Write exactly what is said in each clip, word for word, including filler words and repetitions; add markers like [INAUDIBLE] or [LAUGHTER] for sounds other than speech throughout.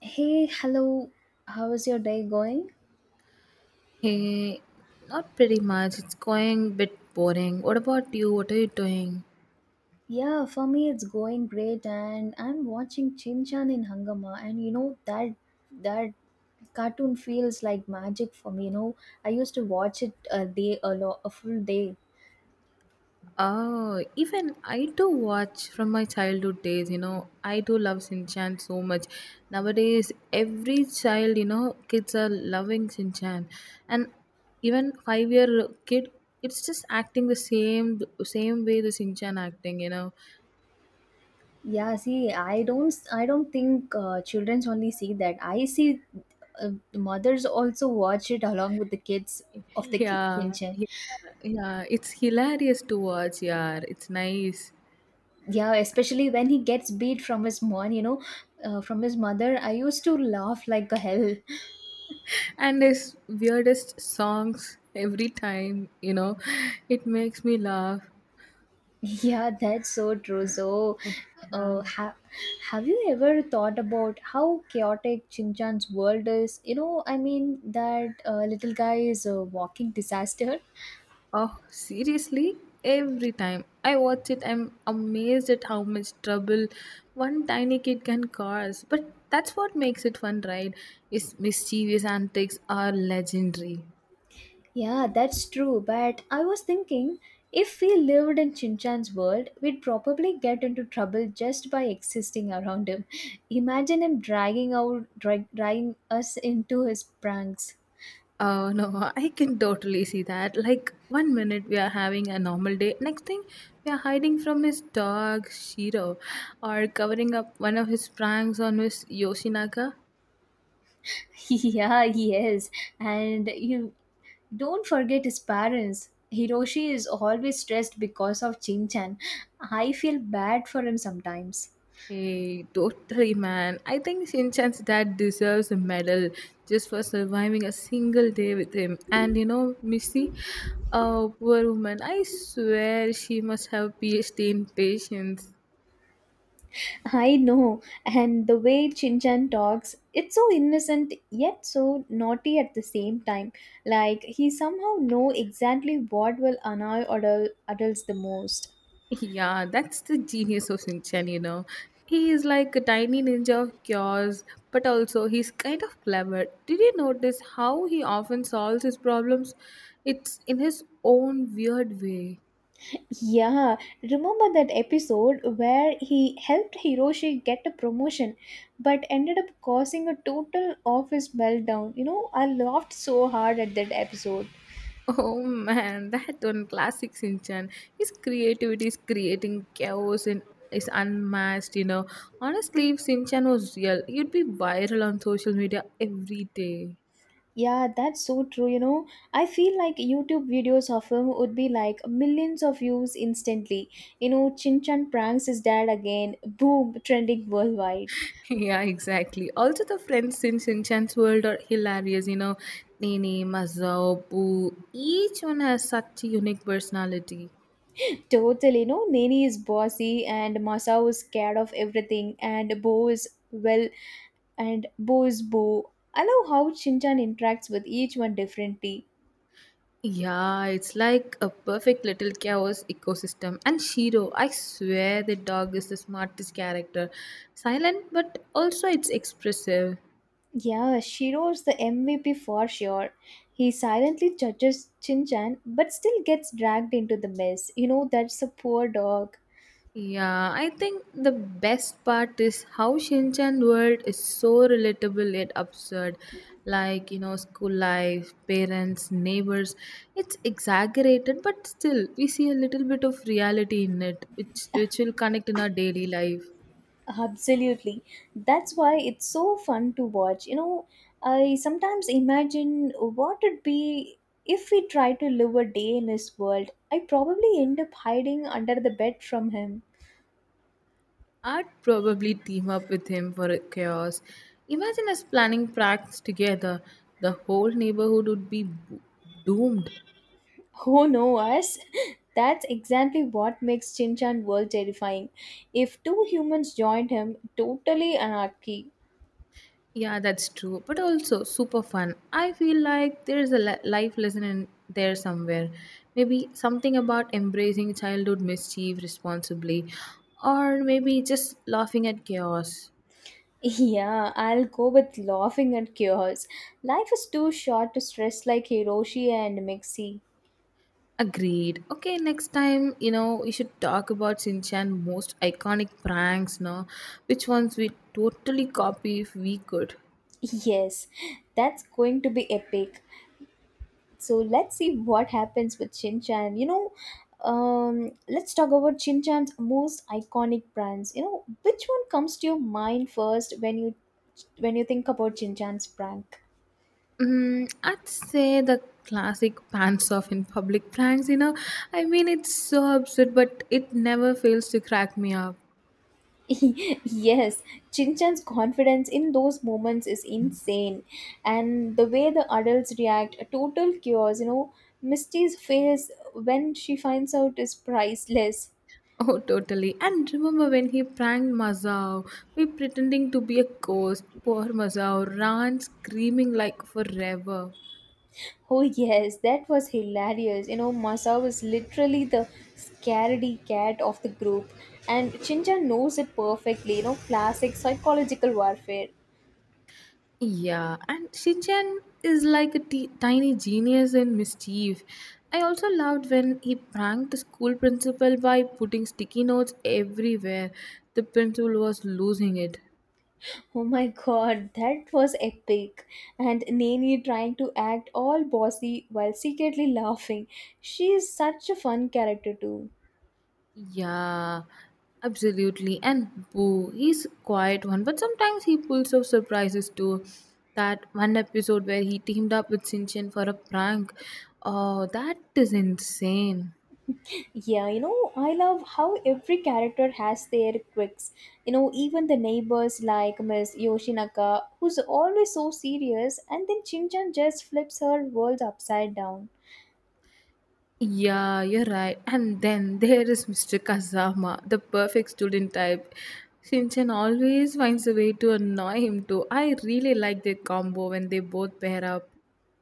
Hey, hello. How is your day going? Hey, not pretty much. It's going a bit boring. What about you? What are you doing? Yeah, for me it's going great, and I'm watching Chin Chan in Hangama, and you know that that cartoon feels like magic for me, you know. I used to watch it a day a lot a full day. Oh, even I do watch from my childhood days, you know. I do love Shinchan so much. Nowadays, every child, you know, kids are loving Shinchan. And even five year kid, it's just acting the same same way the Shinchan acting, you know. Yeah, see, I don't I I don't think uh, children's only see that. I see uh, mothers also watch it along with the kids [LAUGHS] of the ki- Chin Yeah. Chan. Yeah. Yeah, it's hilarious to watch, yeah. It's nice. Yeah, especially when he gets beat from his mom, you know uh, from his mother, I used to laugh like a hell. And his weirdest songs every time, you know, it makes me laugh. [LAUGHS] Yeah, that's so true. So uh, Um, ha- have you ever thought about how chaotic Chinchan's world is? You know, I mean, that uh, little guy is a walking disaster. oh, seriously, every time I watch it, I'm amazed at how much trouble one tiny kid can cause, but that's what makes it fun, right? His mischievous antics are legendary. Yeah, that's true. But I was thinking, if we lived in Chinchan's world, we'd probably get into trouble just by existing around him. [LAUGHS] Imagine him dragging out, drag, dragging us into his pranks. Oh no, [LAUGHS] I can totally see that. Like one minute we are having a normal day, next thing we are hiding from his dog Shiro or covering up one of his pranks on Miss Yoshinaka. [LAUGHS] Yeah, he is. And you don't forget his parents. Hiroshi is always stressed because of Chinchan. I feel bad for him sometimes. Hey, totally, man. I think Shinchan's dad deserves a medal just for surviving a single day with him. And you know, Missy, oh poor woman, I swear she must have PhD in patience. I know, and the way Chan talks, it's so innocent yet so naughty at the same time. Like, he somehow know exactly what will annoy adul- adults the most. Yeah, that's the genius of Shinchan, you know. He is like a tiny ninja of chaos, but also he's kind of clever. Did you notice how he often solves his problems? It's in his own weird way. Yeah, remember that episode where he helped Hiroshi get a promotion but ended up causing a total office meltdown? You know, I laughed so hard at that episode. [LAUGHS] Oh man, that one classic Shinchan. His creativity is creating chaos and is unmatched, you know. Honestly, if Shinchan was real, he'd be viral on social media every day. Yeah, that's so true. You know, I feel like YouTube videos of him would be like millions of views instantly. You know, Chin Chan pranks his dad again, boom, trending worldwide. Yeah, exactly. Also, the friends in Shinchan's world are hilarious. You know, Nene, Mazao, Boo, each one has such a unique personality. Totally, you know, Nani is bossy and Masao is scared of everything, and Bo is, well, and Bo is Bo. I love how Chin Chan interacts with each one differently. Yeah, it's like a perfect little chaos ecosystem. And Shiro, I swear the dog is the smartest character. Silent, but also it's expressive. Yeah, Shiro's the M V P for sure. He silently judges Shinchan but still gets dragged into the mess. You know, that's a poor dog. Yeah, I think the best part is how Shinchan world is so relatable yet absurd. Like, you know, school life, parents, neighbors. It's exaggerated, but still we see a little bit of reality in it, which which will connect in our daily life. Absolutely. That's why it's so fun to watch. You know, I sometimes imagine what it'd be if we try to live a day in his world. I probably end up hiding under the bed from him. I'd probably team up with him for a chaos. Imagine us planning pranks together. The whole neighborhood would be bo- doomed. Oh no, us! [LAUGHS] That's exactly what makes Chinchan world terrifying. If two humans joined him, totally anarchy. Yeah, that's true, but also super fun. I feel like there's a li- life lesson in there somewhere. Maybe something about embracing childhood mischief responsibly, or maybe just laughing at chaos. [LAUGHS] Yeah, I'll go with laughing at chaos. Life is too short to stress like Hiroshi and Mixie. Agreed. Okay, next time, you know, we should talk about Shinchan most iconic pranks, no? Which ones we totally copy if we could. [LAUGHS] Yes, that's going to be epic. So let's see what happens with Shin Chan. You know, um, let's talk about Shin Chan's most iconic brands. You know, which one comes to your mind first when you when you think about Shin Chan's prank? Mm, I'd say the classic pants off in public pranks, you know. I mean, it's so absurd, but it never fails to crack me up. [LAUGHS] [LAUGHS] Yes, Chinchan's confidence in those moments is insane, and the way the adults react, a total chaos. You know, Misty's face when she finds out is priceless. Oh, totally. And remember when he pranked Mazao, we pretending to be a ghost. Poor Mazao ran screaming like forever. Oh yes, that was hilarious. You know, Masa was literally the scaredy cat of the group, and Chincha knows it perfectly. You know, classic psychological warfare. Yeah, and Shichen is like a t- tiny genius in mischief. I also loved when he pranked the school principal by putting sticky notes everywhere. The principal was losing it. Oh my god, that was epic. And Nani trying to act all bossy while secretly laughing. She is such a fun character too. Yeah, absolutely. And Boo, he's quiet one, but sometimes he pulls off surprises too. That one episode where he teamed up with Shinchan for a prank. Oh, that is insane. Yeah, you know, I love how every character has their quirks. You know, even the neighbors like Miss Yoshinaka, who's always so serious, and then Shinchan just flips her world upside down. Yeah, you're right. And then there is Mister Kazama, the perfect student type. Shinchan always finds a way to annoy him too. I really like their combo when they both pair up.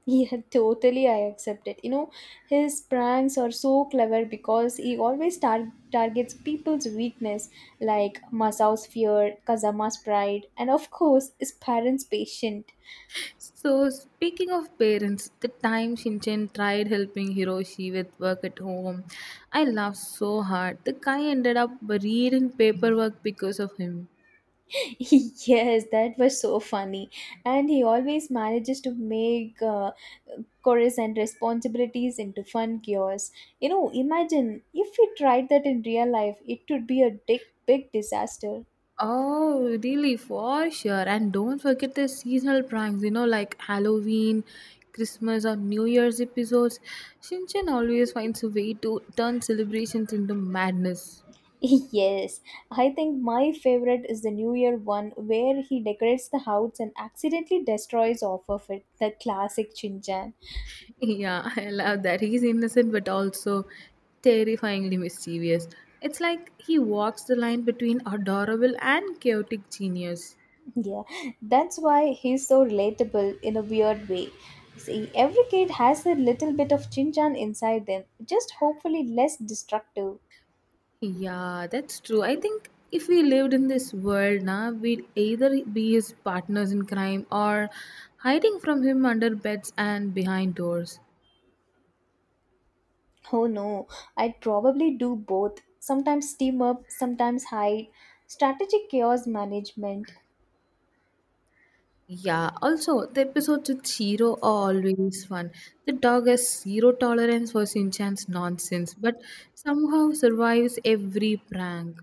Yeah, [LAUGHS] totally, I accept it. You know, his pranks are so clever because he always tar- targets people's weakness, like Masao's fear, Kazama's pride, and of course, his parents' patience. So, speaking of parents, the time Shinchan tried helping Hiroshi with work at home, I laughed so hard. The guy ended up buried in paperwork because of him. [LAUGHS] Yes, that was so funny. And he always manages to make uh, chores and responsibilities into fun cures. You know, imagine if we tried that in real life, it would be a big, big disaster. Oh, really? For sure. And don't forget the seasonal pranks, you know, like Halloween, Christmas, or New Year's episodes. Shinchan always finds a way to turn celebrations into madness. [LAUGHS] Yes, I think my favorite is the New Year one, where he decorates the house and accidentally destroys off of it. The classic Shinchan. [LAUGHS] Yeah, I love that. He's innocent but also terrifyingly mischievous. It's like he walks the line between adorable and chaotic genius. Yeah, that's why he's so relatable in a weird way. See, every kid has a little bit of Chinchan inside them, just hopefully less destructive. Yeah, that's true. I think if we lived in this world now, we'd either be his partners in crime or hiding from him under beds and behind doors. Oh no, I'd probably do both. Sometimes team up, sometimes hide. Strategic chaos management. Yeah, also, the episodes with Shiro are always fun. The dog has zero tolerance for Shinchan's nonsense, but somehow survives every prank.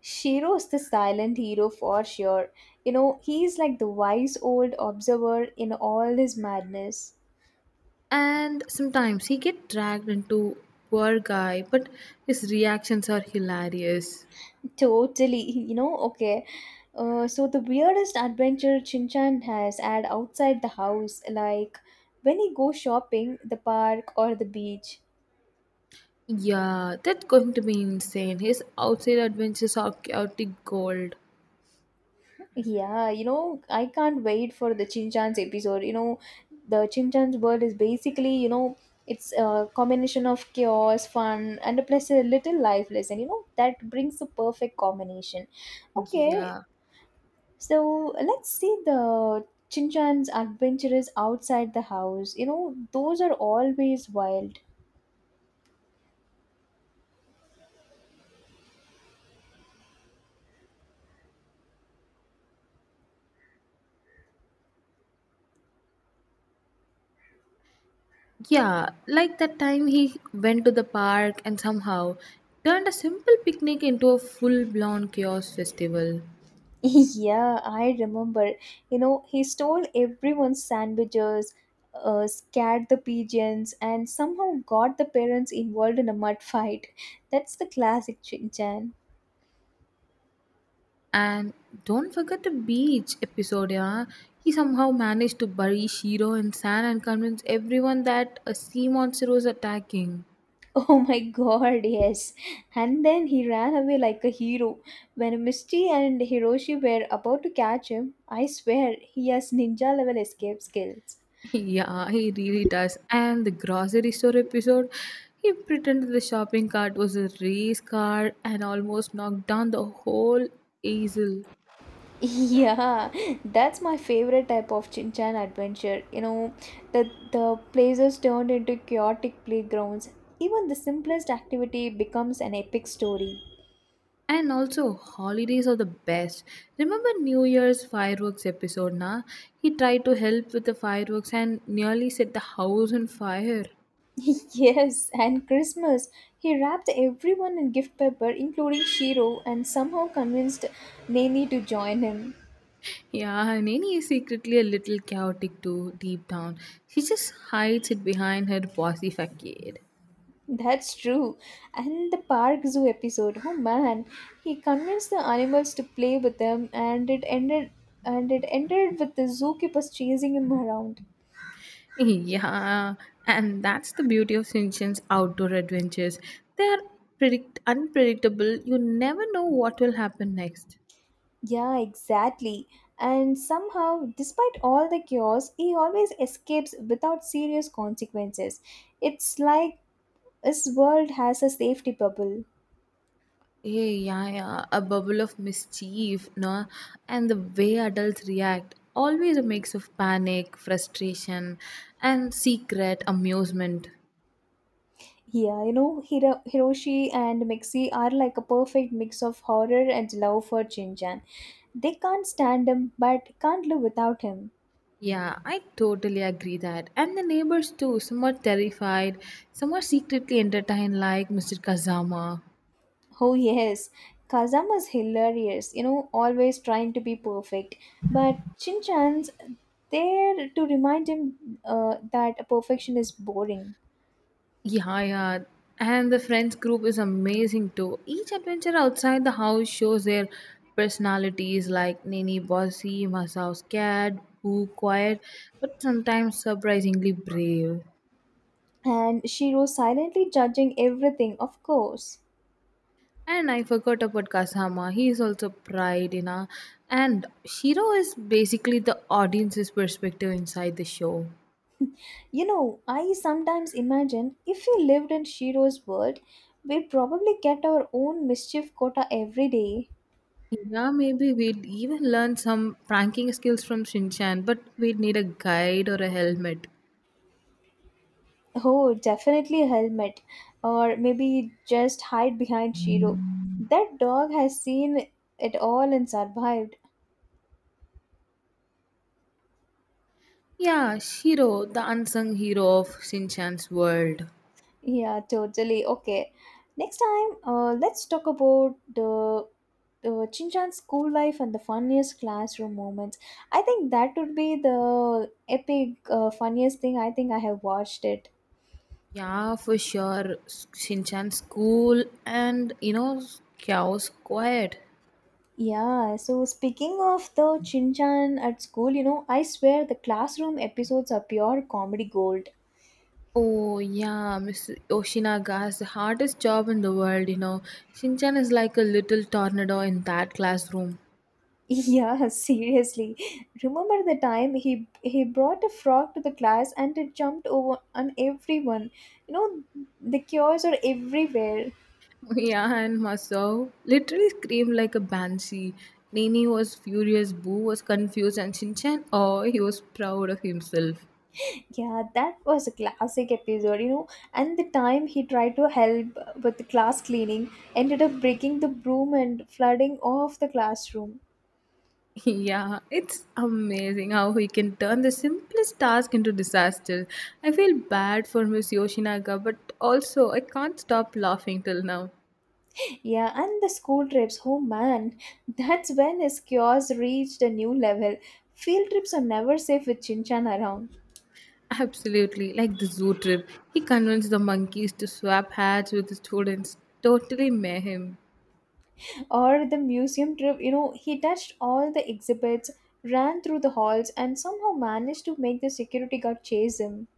Shiro is the silent hero for sure. You know, he's like the wise old observer in all his madness. And sometimes he gets dragged into poor guy, but his reactions are hilarious. Totally, you know, okay. Uh, so the weirdest adventure Chinchan has had outside the house, like when he goes shopping, the park or the beach. Yeah, that's going to be insane. His outside adventures are chaotic gold. Yeah, you know, I can't wait for the Chinchan's episode. You know, the Chinchan's world is basically, you know, it's a combination of chaos, fun, and plus a little life lesson. You know, that brings the perfect combination. Okay, Yeah. so let's see the Chinchan's adventures outside the house. You know, those are always wild. Yeah, like that time he went to the park and somehow turned a simple picnic into a full blown chaos festival. [LAUGHS] Yeah, I remember. You know, he stole everyone's sandwiches, uh, scared the pigeons, and somehow got the parents involved in a mud fight. That's the classic Chinchan. And don't forget the beach episode, yeah. He somehow managed to bury Shiro in sand and convince everyone that a sea monster was attacking. [LAUGHS] Oh my god, yes. And then he ran away like a hero. When Misty and Hiroshi were about to catch him, I swear he has ninja level escape skills. Yeah, he really does. And the grocery store episode, he pretended the shopping cart was a race car and almost knocked down the whole easel. [LAUGHS] Yeah, that's my favorite type of Chin Chan adventure. You know, the the places turned into chaotic playgrounds. Even the simplest activity becomes an epic story. And also, holidays are the best. Remember New Year's fireworks episode, na? He tried to help with the fireworks and nearly set the house on fire. [LAUGHS] Yes, and Christmas. He wrapped everyone in gift paper, including Shiro, and somehow convinced Nani to join him. Yeah, and Nini is secretly a little chaotic too, deep down. She just hides it behind her bossy facade. That's true. And the Park Zoo episode. Oh man, he convinced the animals to play with them, and it ended and it ended with the zookeepers chasing him around. Yeah, and that's the beauty of Shinchan's outdoor adventures. They are predict- unpredictable. You never know what will happen next. Yeah, exactly. And somehow, despite all the chaos, he always escapes without serious consequences. It's like this world has a safety bubble. Eh, yeah, yeah, a bubble of mischief, no? And the way adults react, always a mix of panic, frustration, and secret amusement. Yeah, you know, Hiro- Hiroshi and Mixie are like a perfect mix of horror and love for Jinjan. They can't stand him but can't live without him. Yeah, I totally agree that. And the neighbors too, some are terrified, some are secretly entertained, like Mister Kazama. Oh, yes, Kazama's hilarious, you know, always trying to be perfect. But Shinchan's there to remind him uh, that perfection is boring. Yeah, yeah. And the friends group is amazing too. Each adventure outside the house shows their personalities like Nini bossy, Masao scared, Boo quiet, but sometimes surprisingly brave. And Shiro silently judging everything, of course. And I forgot about Kasama. He is also pride, you know. And Shiro is basically the audience's perspective inside the show. You know, I sometimes imagine if we lived in Shiro's world, we'd probably get our own mischief quota every day. Yeah, maybe we'd even learn some pranking skills from Shinchan, but we'd need a guide or a helmet. Oh, definitely a helmet. Or maybe just hide behind Shiro. That dog has seen it all and survived. Yeah, Shiro, the unsung hero of Shinchan's world. Yeah, totally. Okay. Next time, uh, let's talk about the uh, Chinchan's school life and the funniest classroom moments. I think that would be the epic, uh, funniest thing I think I have watched it. Yeah, for sure. S- Shinchan's cool and, you know, chaos quiet. Yeah, so speaking of the Shin Chan at school, you know, I swear the classroom episodes are pure comedy gold. Oh, yeah, Miss Yoshinaga has the hardest job in the world, you know. Shinchan is like a little tornado in that classroom. [LAUGHS] Yeah, seriously. Remember the time he he brought a frog to the class and it jumped over on everyone? You know, the cures are everywhere. [LAUGHS] Yeah, and Masao literally screamed like a banshee. Nini was furious, Boo was confused, and Shinchan, oh, he was proud of himself. Yeah, that was a classic episode, you know. And the time he tried to help with the class cleaning ended up breaking the broom and flooding off the classroom. Yeah, it's amazing how he can turn the simplest task into disaster. I feel bad for Miss Yoshinaga, but also I can't stop laughing till now. Yeah, and the school trips, oh man, that's when his cures reached a new level. Field trips are never safe with Chinchan around. Absolutely, like the zoo trip. He convinced the monkeys to swap hats with the students. Totally mayhem. Or the museum trip, you know, he touched all the exhibits, ran through the halls, and somehow managed to make the security guard chase him.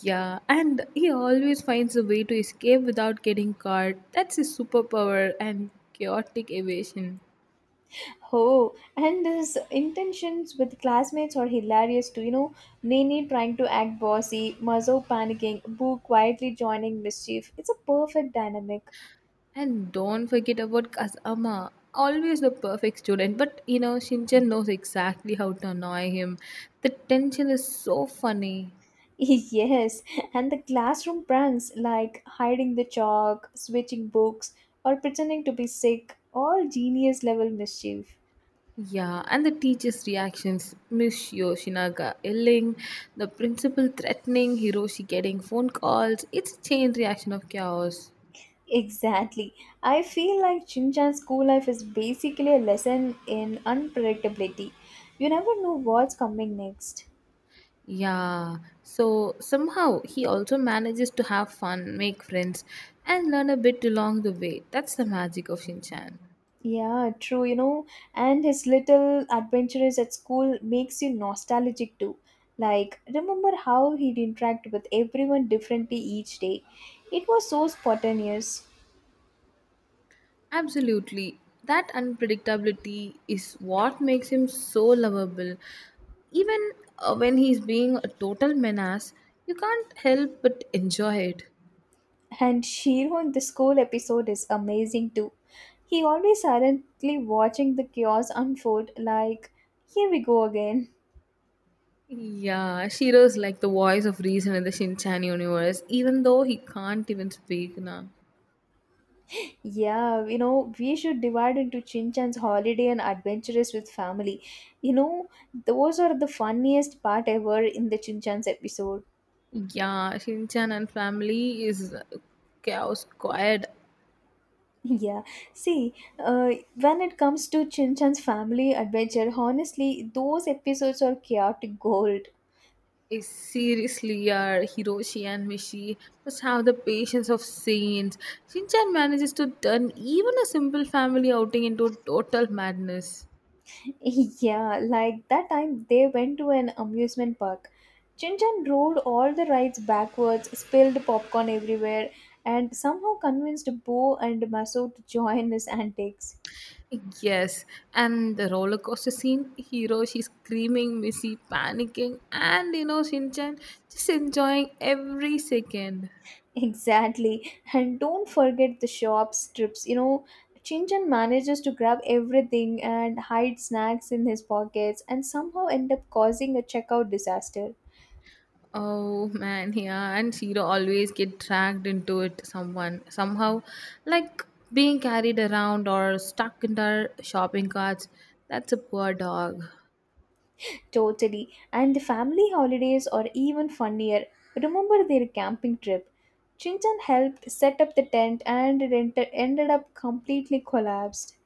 Yeah, and he always finds a way to escape without getting caught. That's his superpower and chaotic evasion. Oh, and his intentions with classmates are hilarious too. You know, Nini trying to act bossy, Mazo panicking, Boo quietly joining mischief. It's a perfect dynamic. And don't forget about Kazama, always the perfect student. But you know, Shinchan knows exactly how to annoy him. The tension is so funny. [LAUGHS] Yes, and the classroom pranks like hiding the chalk, switching books, or pretending to be sick, all genius level mischief. Yeah, and the teacher's reactions Miss Yoshinaga yelling, the principal threatening, Hiroshi getting phone calls. It's a chain reaction of chaos. Exactly. I feel like Shinchan's school life is basically a lesson in unpredictability. You never know what's coming next. Yeah, so somehow he also manages to have fun, make friends, and learn a bit along the way. That's the magic of Shinchan. Yeah, true, you know, and his little adventures at school makes you nostalgic too. Like, remember how he'd interact with everyone differently each day. It was so spontaneous. Absolutely. That unpredictability is what makes him so lovable. Even uh, when he's being a total menace, you can't help but enjoy it. And Shiro in the school episode is amazing too. He always silently watching the chaos unfold like, here we go again. Yeah, Shiro's like the voice of reason in the Shinchan universe, even though he can't even speak now. Yeah, you know, we should divide into Chinchan's holiday and adventurous with family. You know, those are the funniest part ever in the Chinchan's episode. [LAUGHS] Yeah, Shinchan and family is chaos squad. Yeah, see, uh, when it comes to Chinchan's family adventure, honestly, those episodes are chaotic gold. Eh, seriously, yeah, Hiroshi and Mishi must have the patience of saints. Shinchan manages to turn even a simple family outing into total madness. [LAUGHS] Yeah, like that time they went to an amusement park. Chinchan rode all the rides backwards, spilled popcorn everywhere, and somehow convinced Bo and Maso to join his antics. Yes, and the roller coaster scene, Hiroshi screaming, Missy panicking, and you know, Shinchan just enjoying every second. Exactly. And don't forget the shop strips. You know, Chinchun manages to grab everything and hide snacks in his pockets and somehow end up causing a checkout disaster. Oh man, yeah, and Shiro always get dragged into it someone somehow, like being carried around or stuck in their shopping carts. That's a poor dog. Totally. And the family holidays are even funnier. Remember their camping trip? Chinchun helped set up the tent and it enter- ended up completely collapsed.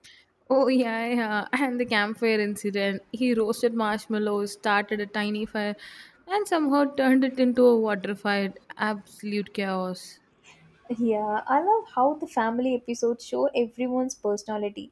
Oh yeah, yeah, and the campfire incident. He roasted marshmallows, started a tiny fire, and somehow turned it into a water fight. Absolute chaos. Yeah, I love how the family episodes show everyone's personality.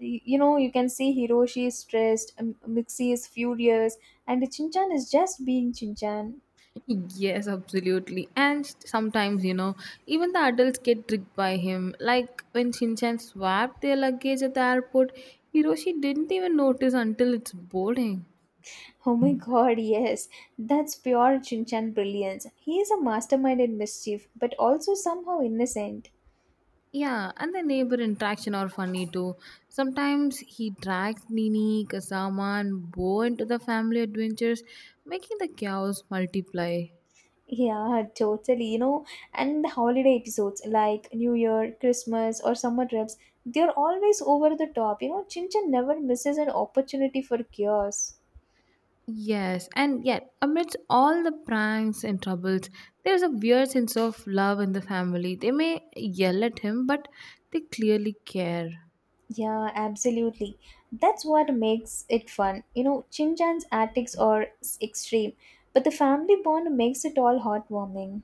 Y- You know, you can see Hiroshi is stressed, M- Mixie is furious, and Chinchan is just being Chinchan. Yes, absolutely. And sometimes, you know, even the adults get tricked by him. Like when Shinchan swapped their luggage at the airport, Hiroshi didn't even notice until it's boarding. Oh my god, yes. That's pure Chinchan brilliance. He is a mastermind in mischief, but also somehow innocent. Yeah, and the neighbor interaction are funny too. Sometimes he drags Nini, Kasama, and Bo into the family adventures, making the chaos multiply. Yeah, totally. You know, and the holiday episodes like New Year, Christmas, or summer trips, they're always over the top. You know, Chinchan never misses an opportunity for chaos. Yes, and yet, amidst all the pranks and troubles, there's a weird sense of love in the family. They may yell at him, but they clearly care. Yeah, absolutely. That's what makes it fun. You know, Shinchan's antics are s- extreme, but the family bond makes it all heartwarming.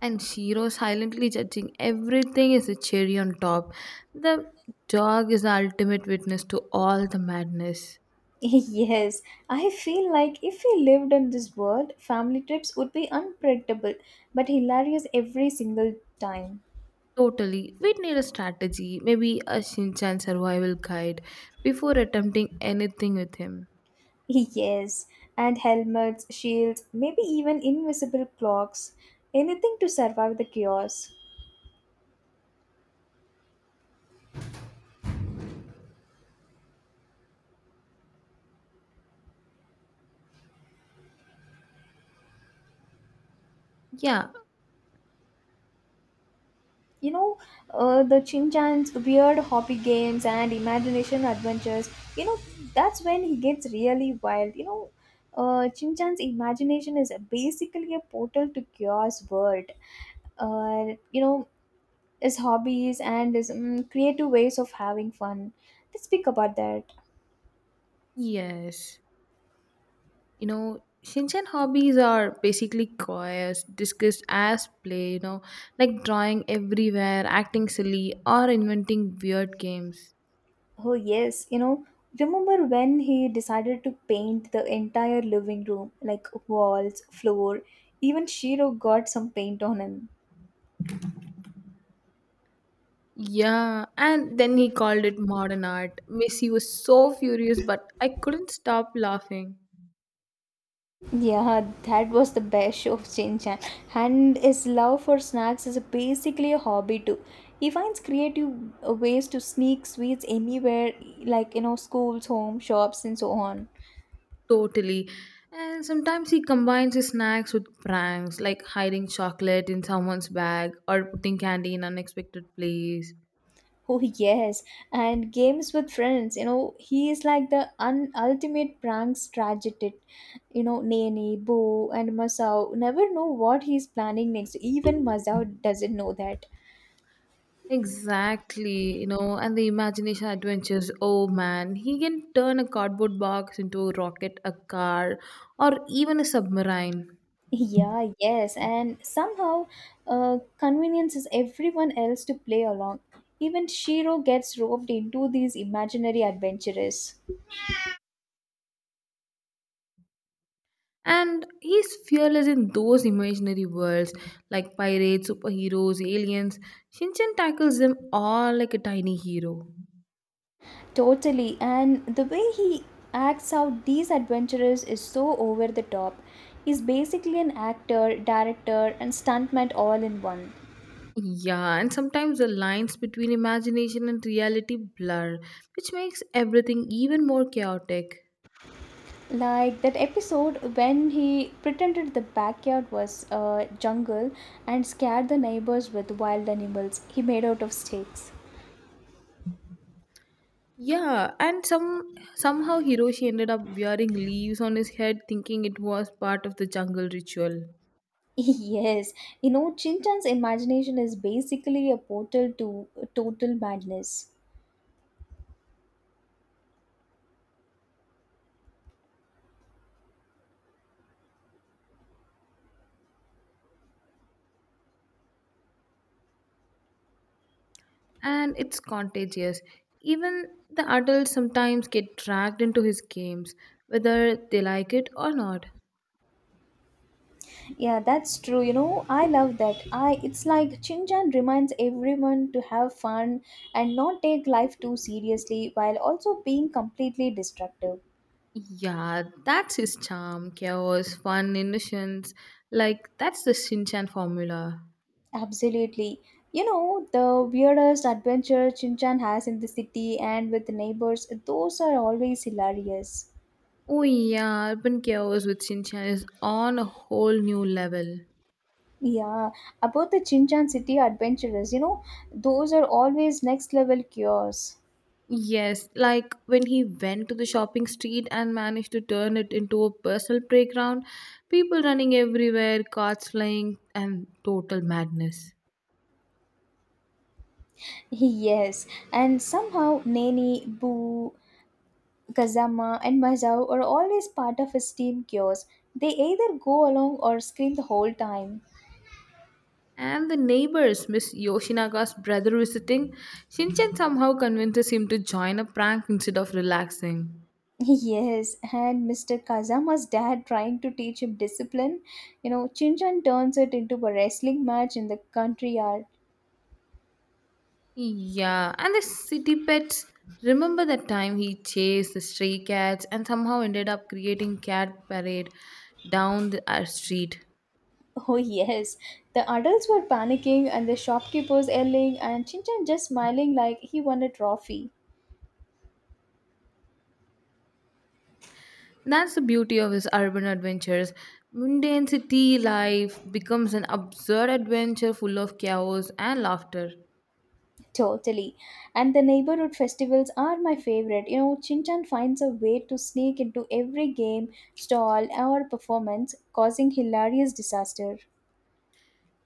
And Shiro silently judging everything is a cherry on top. The dog is the ultimate witness to all the madness. [LAUGHS] Yes, I feel like if he lived in this world, family trips would be unpredictable but hilarious every single time. Totally. We'd need a strategy, maybe a Shinchan survival guide, before attempting anything with him. [LAUGHS] Yes, and helmets, shields, maybe even invisible clocks. Anything to survive the chaos. Yeah, you know uh, the Shinchan's weird hobby games and imagination adventures, you know that's when he gets really wild. you know uh, Shinchan's imagination is basically a portal to chaos world. uh, you know his hobbies and his mm creative ways of having fun, let's speak about that. yes. You know, Shinchen hobbies are basically choirs discussed as play, you know, like drawing everywhere, acting silly, or inventing weird games. Oh yes, you know, remember when he decided to paint the entire living room, like walls, floor, even Shiro got some paint on him. Yeah, and then he called it modern art. Missy was so furious, but I couldn't stop laughing. Yeah, that was the best show of Shin Chan. And his love for snacks is basically a hobby too. He finds creative uh, ways to sneak sweets anywhere, like, you know, schools, home, shops, and so on. Totally. And sometimes he combines his snacks with pranks, like hiding chocolate in someone's bag or putting candy in unexpected place. Oh yes, and games with friends. You know, he is like the un- ultimate prank strategist. You know, Nene, Bo, and Masao never know what he's planning next. Even Masao doesn't know that. Exactly, you know, and the imagination adventures. Oh man, he can turn a cardboard box into a rocket, a car, or even a submarine. Yeah, yes, and somehow uh, conveniences everyone else to play along. Even Shiro gets roped into these imaginary adventurers. And he's fearless in those imaginary worlds like pirates, superheroes, aliens. Shinchan tackles them all like a tiny hero. Totally, and the way he acts out these adventurers is so over the top. He's basically an actor, director, and stuntman all in one. Yeah, and sometimes the lines between imagination and reality blur, which makes everything even more chaotic. Like that episode when he pretended the backyard was a jungle and scared the neighbors with wild animals he made out of sticks. Yeah, and some somehow Hiroshi ended up wearing leaves on his head thinking it was part of the jungle ritual. Yes, you know, Chintan's imagination is basically a portal to total madness. And it's contagious. Even the adults sometimes get dragged into his games, whether they like it or not. Yeah, that's true. You know, I love that. I It's like Chinchan reminds everyone to have fun and not take life too seriously while also being completely destructive. Yeah, that's his charm, chaos, fun, innocence. Like, that's the Shinchan formula. Absolutely. You know, the weirdest adventure Chinchan has in the city and with the neighbors, those are always hilarious. Oh, yeah, urban chaos with Shinchan is on a whole new level. Yeah, about the Chinchan City adventurers, you know, those are always next level cures. [LAUGHS] Yes, like when he went to the shopping street and managed to turn it into a personal playground, people running everywhere, carts flying, and total madness. Yes, and somehow Nani, Boo, Kazama, and Mazao are always part of his team cures. They either go along or scream the whole time. And the neighbors, Miss Yoshinaga's brother visiting, Shinchan somehow convinces him to join a prank instead of relaxing. [LAUGHS] Yes, and mister Kazama's dad trying to teach him discipline. You know, Chinchan turns it into a wrestling match in the country yard. Yeah, and the city pets. Remember that time he chased the stray cats and somehow ended up creating cat parade down the our street. [LAUGHS] Oh, yes. The adults were panicking and the shopkeepers yelling, and Chinchan just smiling like he won a trophy. That's the beauty of his urban adventures. Mundane city life becomes an absurd adventure full of chaos and laughter. Totally. And the neighborhood festivals are my favorite. You know, Chinchan finds a way to sneak into every game, stall, or performance, causing hilarious disaster.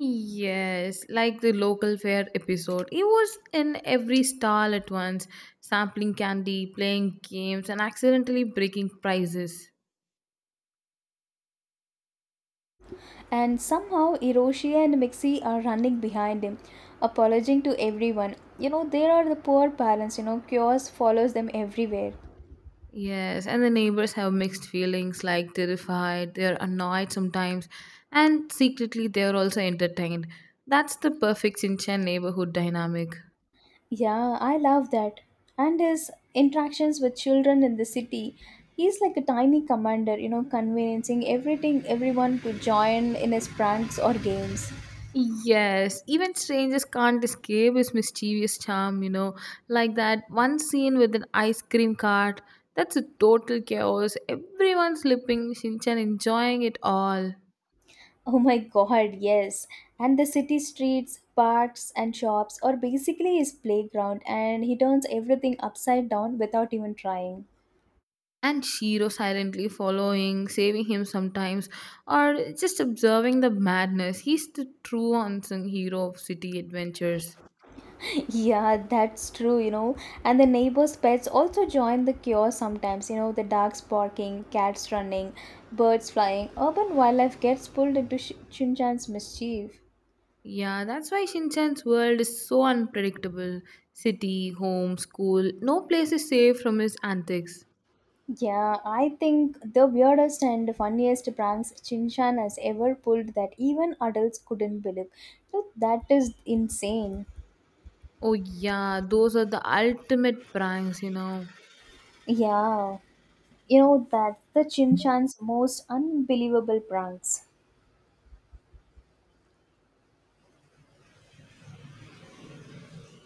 Yes, like the local fair episode. He was in every stall at once, sampling candy, playing games, and accidentally breaking prizes. And somehow, Hiroshi and Mixie are running behind him, apologizing to everyone. You know, there are the poor parents, you know, chaos follows them everywhere. Yes, and the neighbors have mixed feelings like terrified, they're annoyed sometimes, and secretly they're also entertained. That's the perfect Sinchan neighborhood dynamic. Yeah, I love that. And his interactions with children in the city, he's like a tiny commander, you know, conveyancing everything, everyone to join in his pranks or games. [LAUGHS] Yes, even strangers can't escape his mischievous charm, you know. Like that one scene with an ice cream cart, that's a total chaos. Everyone slipping, Shinchan enjoying it all. Oh my god, yes. And the city streets, parks, and shops are basically his playground, and he turns everything upside down without even trying. And Shiro silently following, saving him sometimes, or just observing the madness. He's the true unsung hero of city adventures. Yeah, that's true, you know. And the neighbors' pets also join the cure sometimes, you know, the dogs barking, cats running, birds flying. Urban wildlife gets pulled into Sh- Shinchan's mischief. Yeah, that's why Shinchan's world is so unpredictable. City, home, school, no place is safe from his antics. Yeah, I think the weirdest and funniest pranks Shinchan has ever pulled that even adults couldn't believe. So that is insane. Oh yeah, those are the ultimate pranks, you know. Yeah, you know, that's the Shinchan's most unbelievable pranks.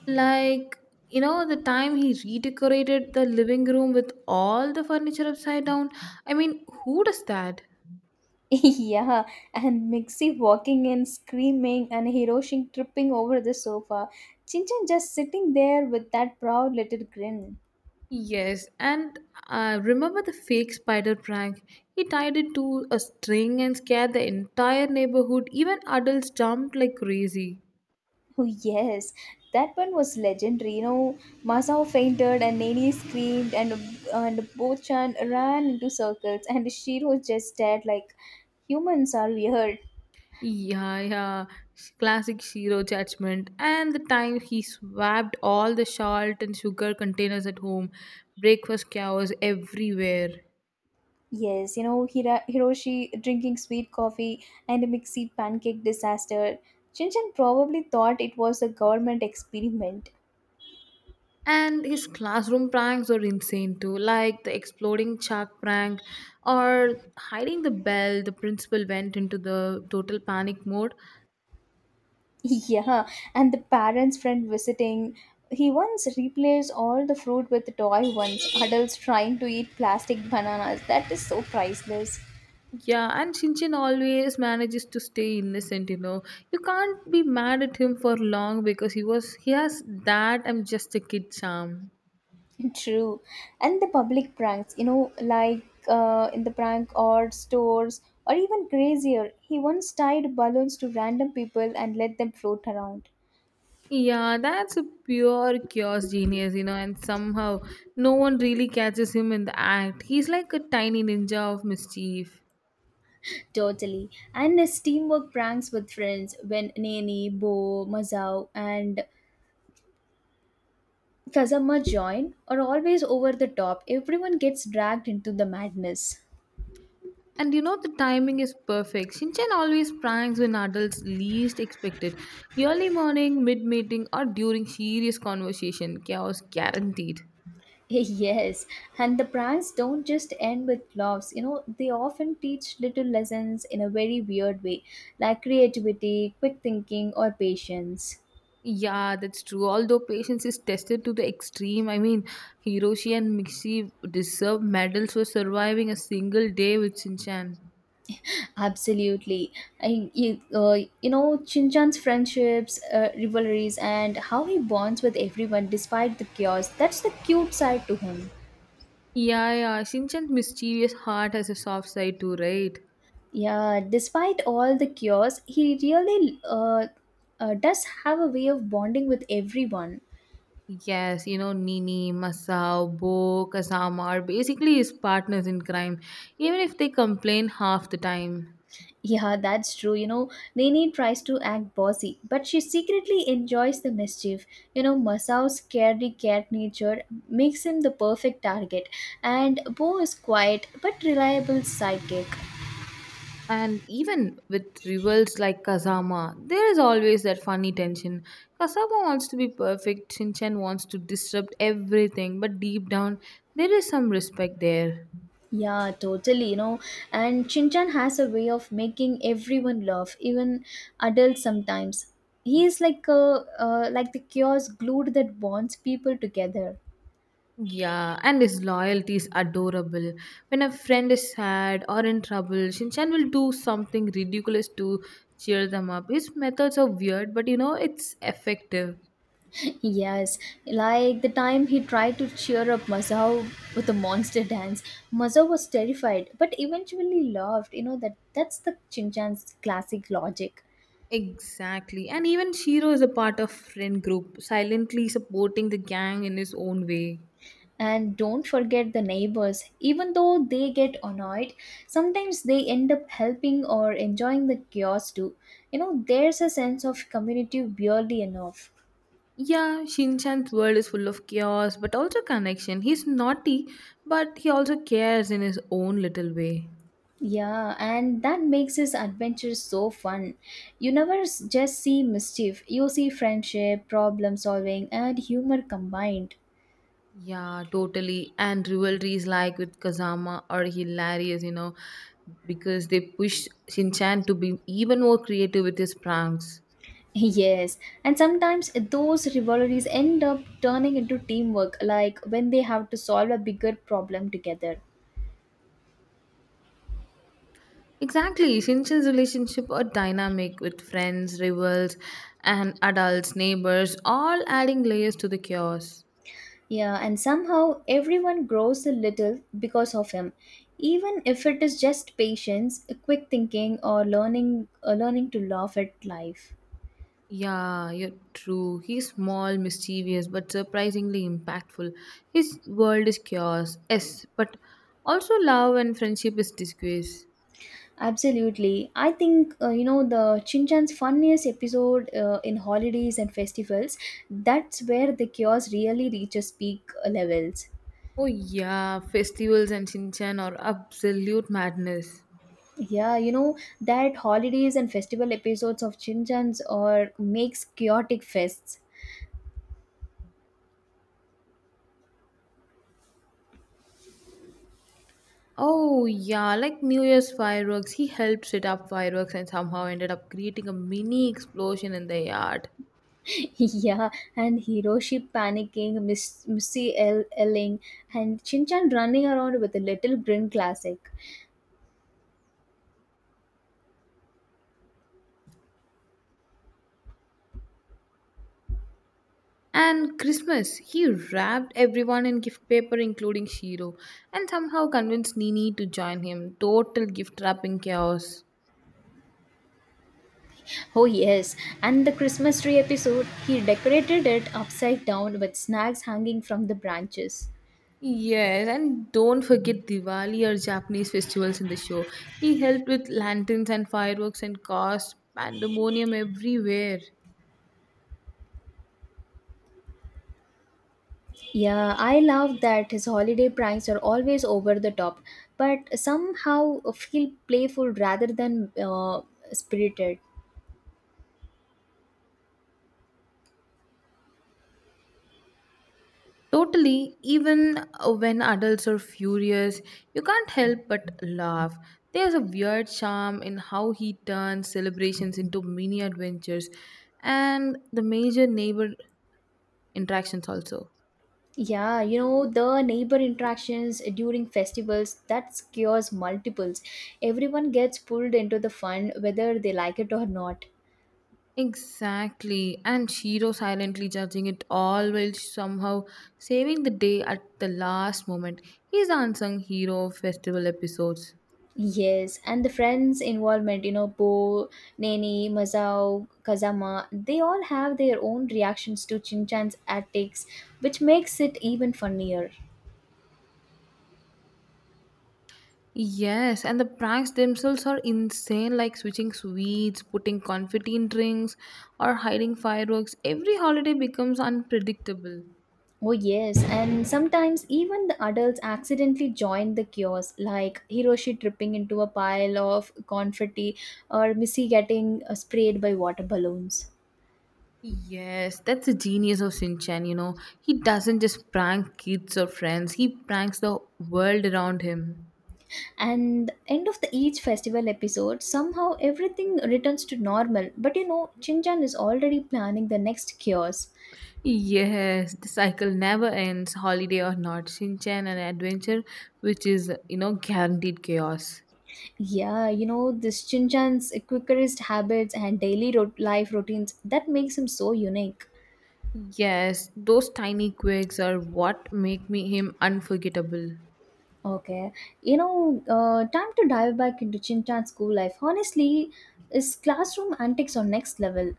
Like, you know, the time he redecorated the living room with all the furniture upside down. I mean, who does that? [LAUGHS] Yeah, and Mixie walking in screaming and Hiroshi tripping over the sofa. Chinchan just sitting there with that proud little grin. Yes, and uh, remember the fake spider prank? He tied it to a string and scared the entire neighborhood. Even adults jumped like crazy. Oh, yes, that one was legendary. You know, Masao fainted and Nani screamed, and, and Bochan ran into circles, and Shiro just stared like humans are weird. Yeah, yeah. Sh- Classic Shiro judgment. And the time he swapped all the salt and sugar containers at home. Breakfast chaos everywhere. Yes, you know, Hira- Hiroshi drinking sweet coffee and a mixy pancake disaster. Shinchan probably thought it was a government experiment. [LAUGHS] And his classroom pranks are insane too, like the exploding chalk prank or hiding the bell. The principal went into the total panic mode. Yeah, and the parents' friend visiting. He once replaced all the fruit with toy ones. Adults trying to eat plastic bananas. That is so priceless. Yeah, and Shinchin always manages to stay innocent, you know. You can't be mad at him for long because he was he has that I'm just a kid charm. [LAUGHS] True. And the public pranks, you know, like uh, in the prank or stores, or even crazier. He once tied balloons to random people and let them float around. Yeah, that's a pure chaos genius, you know, and somehow no one really catches him in the act. He's like a tiny ninja of mischief. Totally. And his teamwork pranks with friends when Nani, Bo, Mazao, and Kazama join are always over the top. Everyone gets dragged into the madness. And you know, the timing is perfect. Shinchan always pranks when adults least expect it. Early morning, mid meeting, or during serious conversation. Chaos guaranteed. [LAUGHS] Yes, and the pranks don't just end with laughs. You know, they often teach little lessons in a very weird way, like creativity, quick thinking, or patience. Yeah, that's true. Although patience is tested to the extreme, I mean, Hiroshi and Mixie deserve medals for surviving a single day with Shinchan. Absolutely. I, you, uh, you know, Shinchan's friendships, uh, rivalries, and how he bonds with everyone despite the chaos. That's the cute side to him. Yeah, yeah. Shinchan's mischievous heart has a soft side too, right? Yeah, despite all the chaos, he really uh, uh, does have a way of bonding with everyone. Yes, you know, Nini, Masao, Bo, Kazama are basically his partners in crime, even if they complain half the time. Yeah, that's true. You know, Nini tries to act bossy, but she secretly enjoys the mischief. You know, Masao's carry cat nature makes him the perfect target, and Bo is quiet but reliable sidekick. And even with rivals like Kazama, there is always that funny tension. Kazama wants to be perfect, Shinchan wants to disrupt everything, but deep down, there is some respect there. Yeah, totally, you know. And Shinchan has a way of making everyone laugh, even adults sometimes. He is like a uh, like the chaos glued that bonds people together. Yeah, and his loyalty is adorable. When a friend is sad or in trouble, Shinchan will do something ridiculous to cheer them up. His methods are weird, but you know, it's effective. Yes, like the time he tried to cheer up Masao with a monster dance. Masao was terrified, but eventually laughed. You know that that's the Chinchan's classic logic. Exactly. And even Shiro is a part of friend group, silently supporting the gang in his own way. And don't forget the neighbors. Even though they get annoyed, sometimes they end up helping or enjoying the chaos too. You know, there's a sense of community weirdly enough. Yeah, Shinchan's world is full of chaos, but also connection. He's naughty, but he also cares in his own little way. Yeah, and that makes his adventures so fun. You never s- just see mischief, you see friendship, problem solving, and humor combined. [LAUGHS] Yeah, totally. And rivalries like with Kazama are hilarious, you know, because they push Shinchan to be even more creative with his pranks. Yes, and sometimes those rivalries end up turning into teamwork, like when they have to solve a bigger problem together. Exactly, Shinchan's relationship are dynamic with friends, rivals, and adults, neighbors, all adding layers to the chaos. Yeah, and somehow everyone grows a little because of him, even if it is just patience, quick thinking, or learning, uh, learning to laugh at life. Yeah, you're true. He's small, mischievous, but surprisingly impactful. His world is chaos, yes, but also love and friendship is disgrace. Absolutely. I think, uh, you know, the Shinchan's funniest episode uh, in holidays and festivals, that's where the chaos really reaches peak uh, levels. Oh yeah, festivals and Shinchan are absolute madness. Yeah, you know, that holidays and festival episodes of Shinchan's or makes chaotic fests. Oh yeah, like New Year's fireworks, he helped set up fireworks and somehow ended up creating a mini explosion in the yard. [LAUGHS] Yeah, and Hiroshi panicking, Miss Missy L- Elling, and Shinchan running around with a little grin classic. And Christmas, he wrapped everyone in gift paper including Shiro and somehow convinced Nini to join him. Total gift wrapping chaos. Oh, yes. And the Christmas tree episode, he decorated it upside down with snacks hanging from the branches. Yes, and don't forget Diwali or Japanese festivals in the show. He helped with lanterns and fireworks and caused pandemonium everywhere. Yeah, I love that his holiday pranks are always over the top, but somehow feel playful rather than uh, spirited. Totally, even uh, when adults are furious, you can't help but laugh. There's a weird charm in how he turns celebrations into mini adventures and the major neighbor interactions also. Yeah, you know, the neighbor interactions during festivals that skews multiples. Everyone gets pulled into the fun whether they like it or not. Exactly. And Shiro silently judging it all while somehow saving the day at the last moment. He's unsung hero of festival episodes. Yes, and the friends' involvement, you know, Po, Nene, Mazao, Kazama, they all have their own reactions to Chinchan's antics, which makes it even funnier. Yes, and the pranks themselves are insane, like switching sweets, putting confetti in drinks, or hiding fireworks. Every holiday becomes unpredictable. Oh, yes, and sometimes even the adults accidentally join the chaos, like Hiroshi tripping into a pile of confetti or Missy getting uh, sprayed by water balloons. Yes, that's the genius of Shinchan, you know. He doesn't just prank kids or friends, he pranks the world around him. And end of the each festival episode, somehow everything returns to normal, but you know Chinchan is already planning the next cures. Yes, the cycle never ends, holiday or not. Shinchan an adventure, which is, you know, guaranteed chaos. Yeah, you know, this Chinchan's quickerest habits and daily ro- life routines, that makes him so unique. Yes, those tiny quirks are what make me him unforgettable. Okay, you know uh, time to dive back into Chinchan's school life. Honestly, his classroom antics are next level.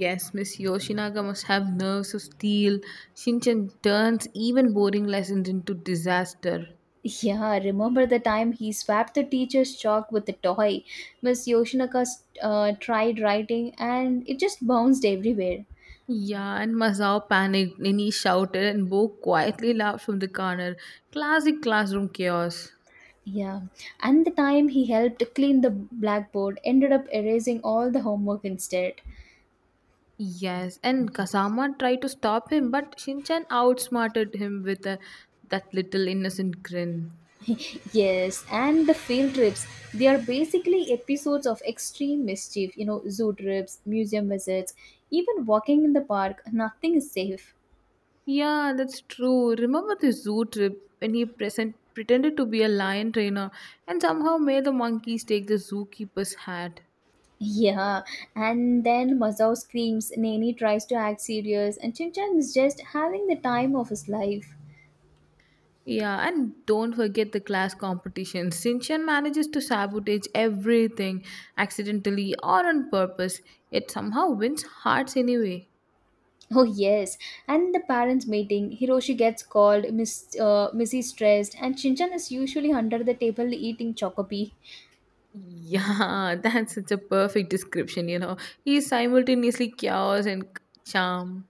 Yes, Miss Yoshinaga must have nerves of steel. Shinchan turns even boring lessons into disaster. Yeah, remember the time he swapped the teacher's chalk with a toy. Miss Yoshinaka uh, tried writing and it just bounced everywhere. Yeah, and Masao panicked, Nini shouted, and Bo quietly laughed from the corner. Classic classroom chaos. Yeah, and the time he helped clean the blackboard ended up erasing all the homework instead. Yes, and Kasama tried to stop him, but Shinchan outsmarted him with a, that little innocent grin. [LAUGHS] Yes, and the field trips. They are basically episodes of extreme mischief, you know, zoo trips, museum visits, even walking in the park, nothing is safe. Yeah, that's true. Remember the zoo trip when he present, pretended to be a lion trainer and somehow made the monkeys take the zookeeper's hat? Yeah, and then Mazao screams, Nani tries to act serious, and Chinchan is just having the time of his life. Yeah, and don't forget the class competition. Shinchan manages to sabotage everything accidentally or on purpose, yet somehow wins hearts anyway. Oh yes, and the parents' meeting, Hiroshi gets called, Miss uh, Missy stressed, and Shinchan is usually under the table eating chocopie. Yeah, [LAUGHS] that's such a perfect description, you know. He's simultaneously chaos and charm.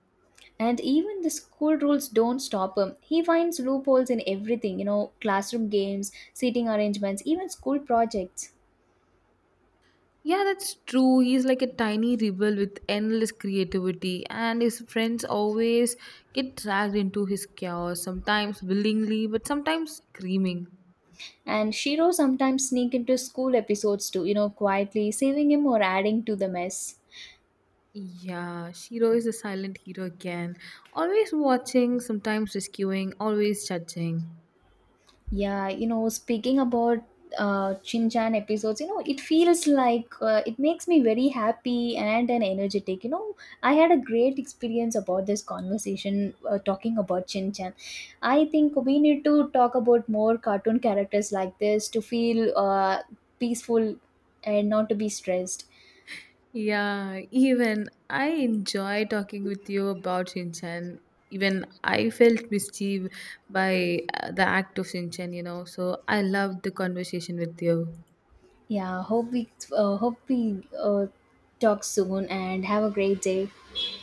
And even the school rules don't stop him. He finds loopholes in everything, you know, classroom games, seating arrangements, even school projects. Yeah, that's true. He's like a tiny rebel with endless creativity, and his friends always get dragged into his chaos, sometimes willingly, but sometimes screaming. And Shiro sometimes sneak into school episodes too, you know, quietly saving him or adding to the mess. Yeah, Shiro is a silent hero again, always watching, sometimes rescuing, always judging. Yeah, you know, speaking about uh, Shin Chan episodes, you know, it feels like uh, it makes me very happy and an energetic. You know, I had a great experience about this conversation uh, talking about Shin Chan. I think we need to talk about more cartoon characters like this to feel uh, peaceful and not to be stressed. Yeah, even I enjoy talking with you about Shinchan. Even I felt mischief by uh, the act of Shinchan, you know. So I loved the conversation with you. Yeah, hope we uh, hope we uh, talk soon and have a great day.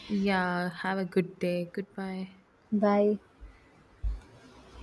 Yeah, have a good day. Goodbye. Bye.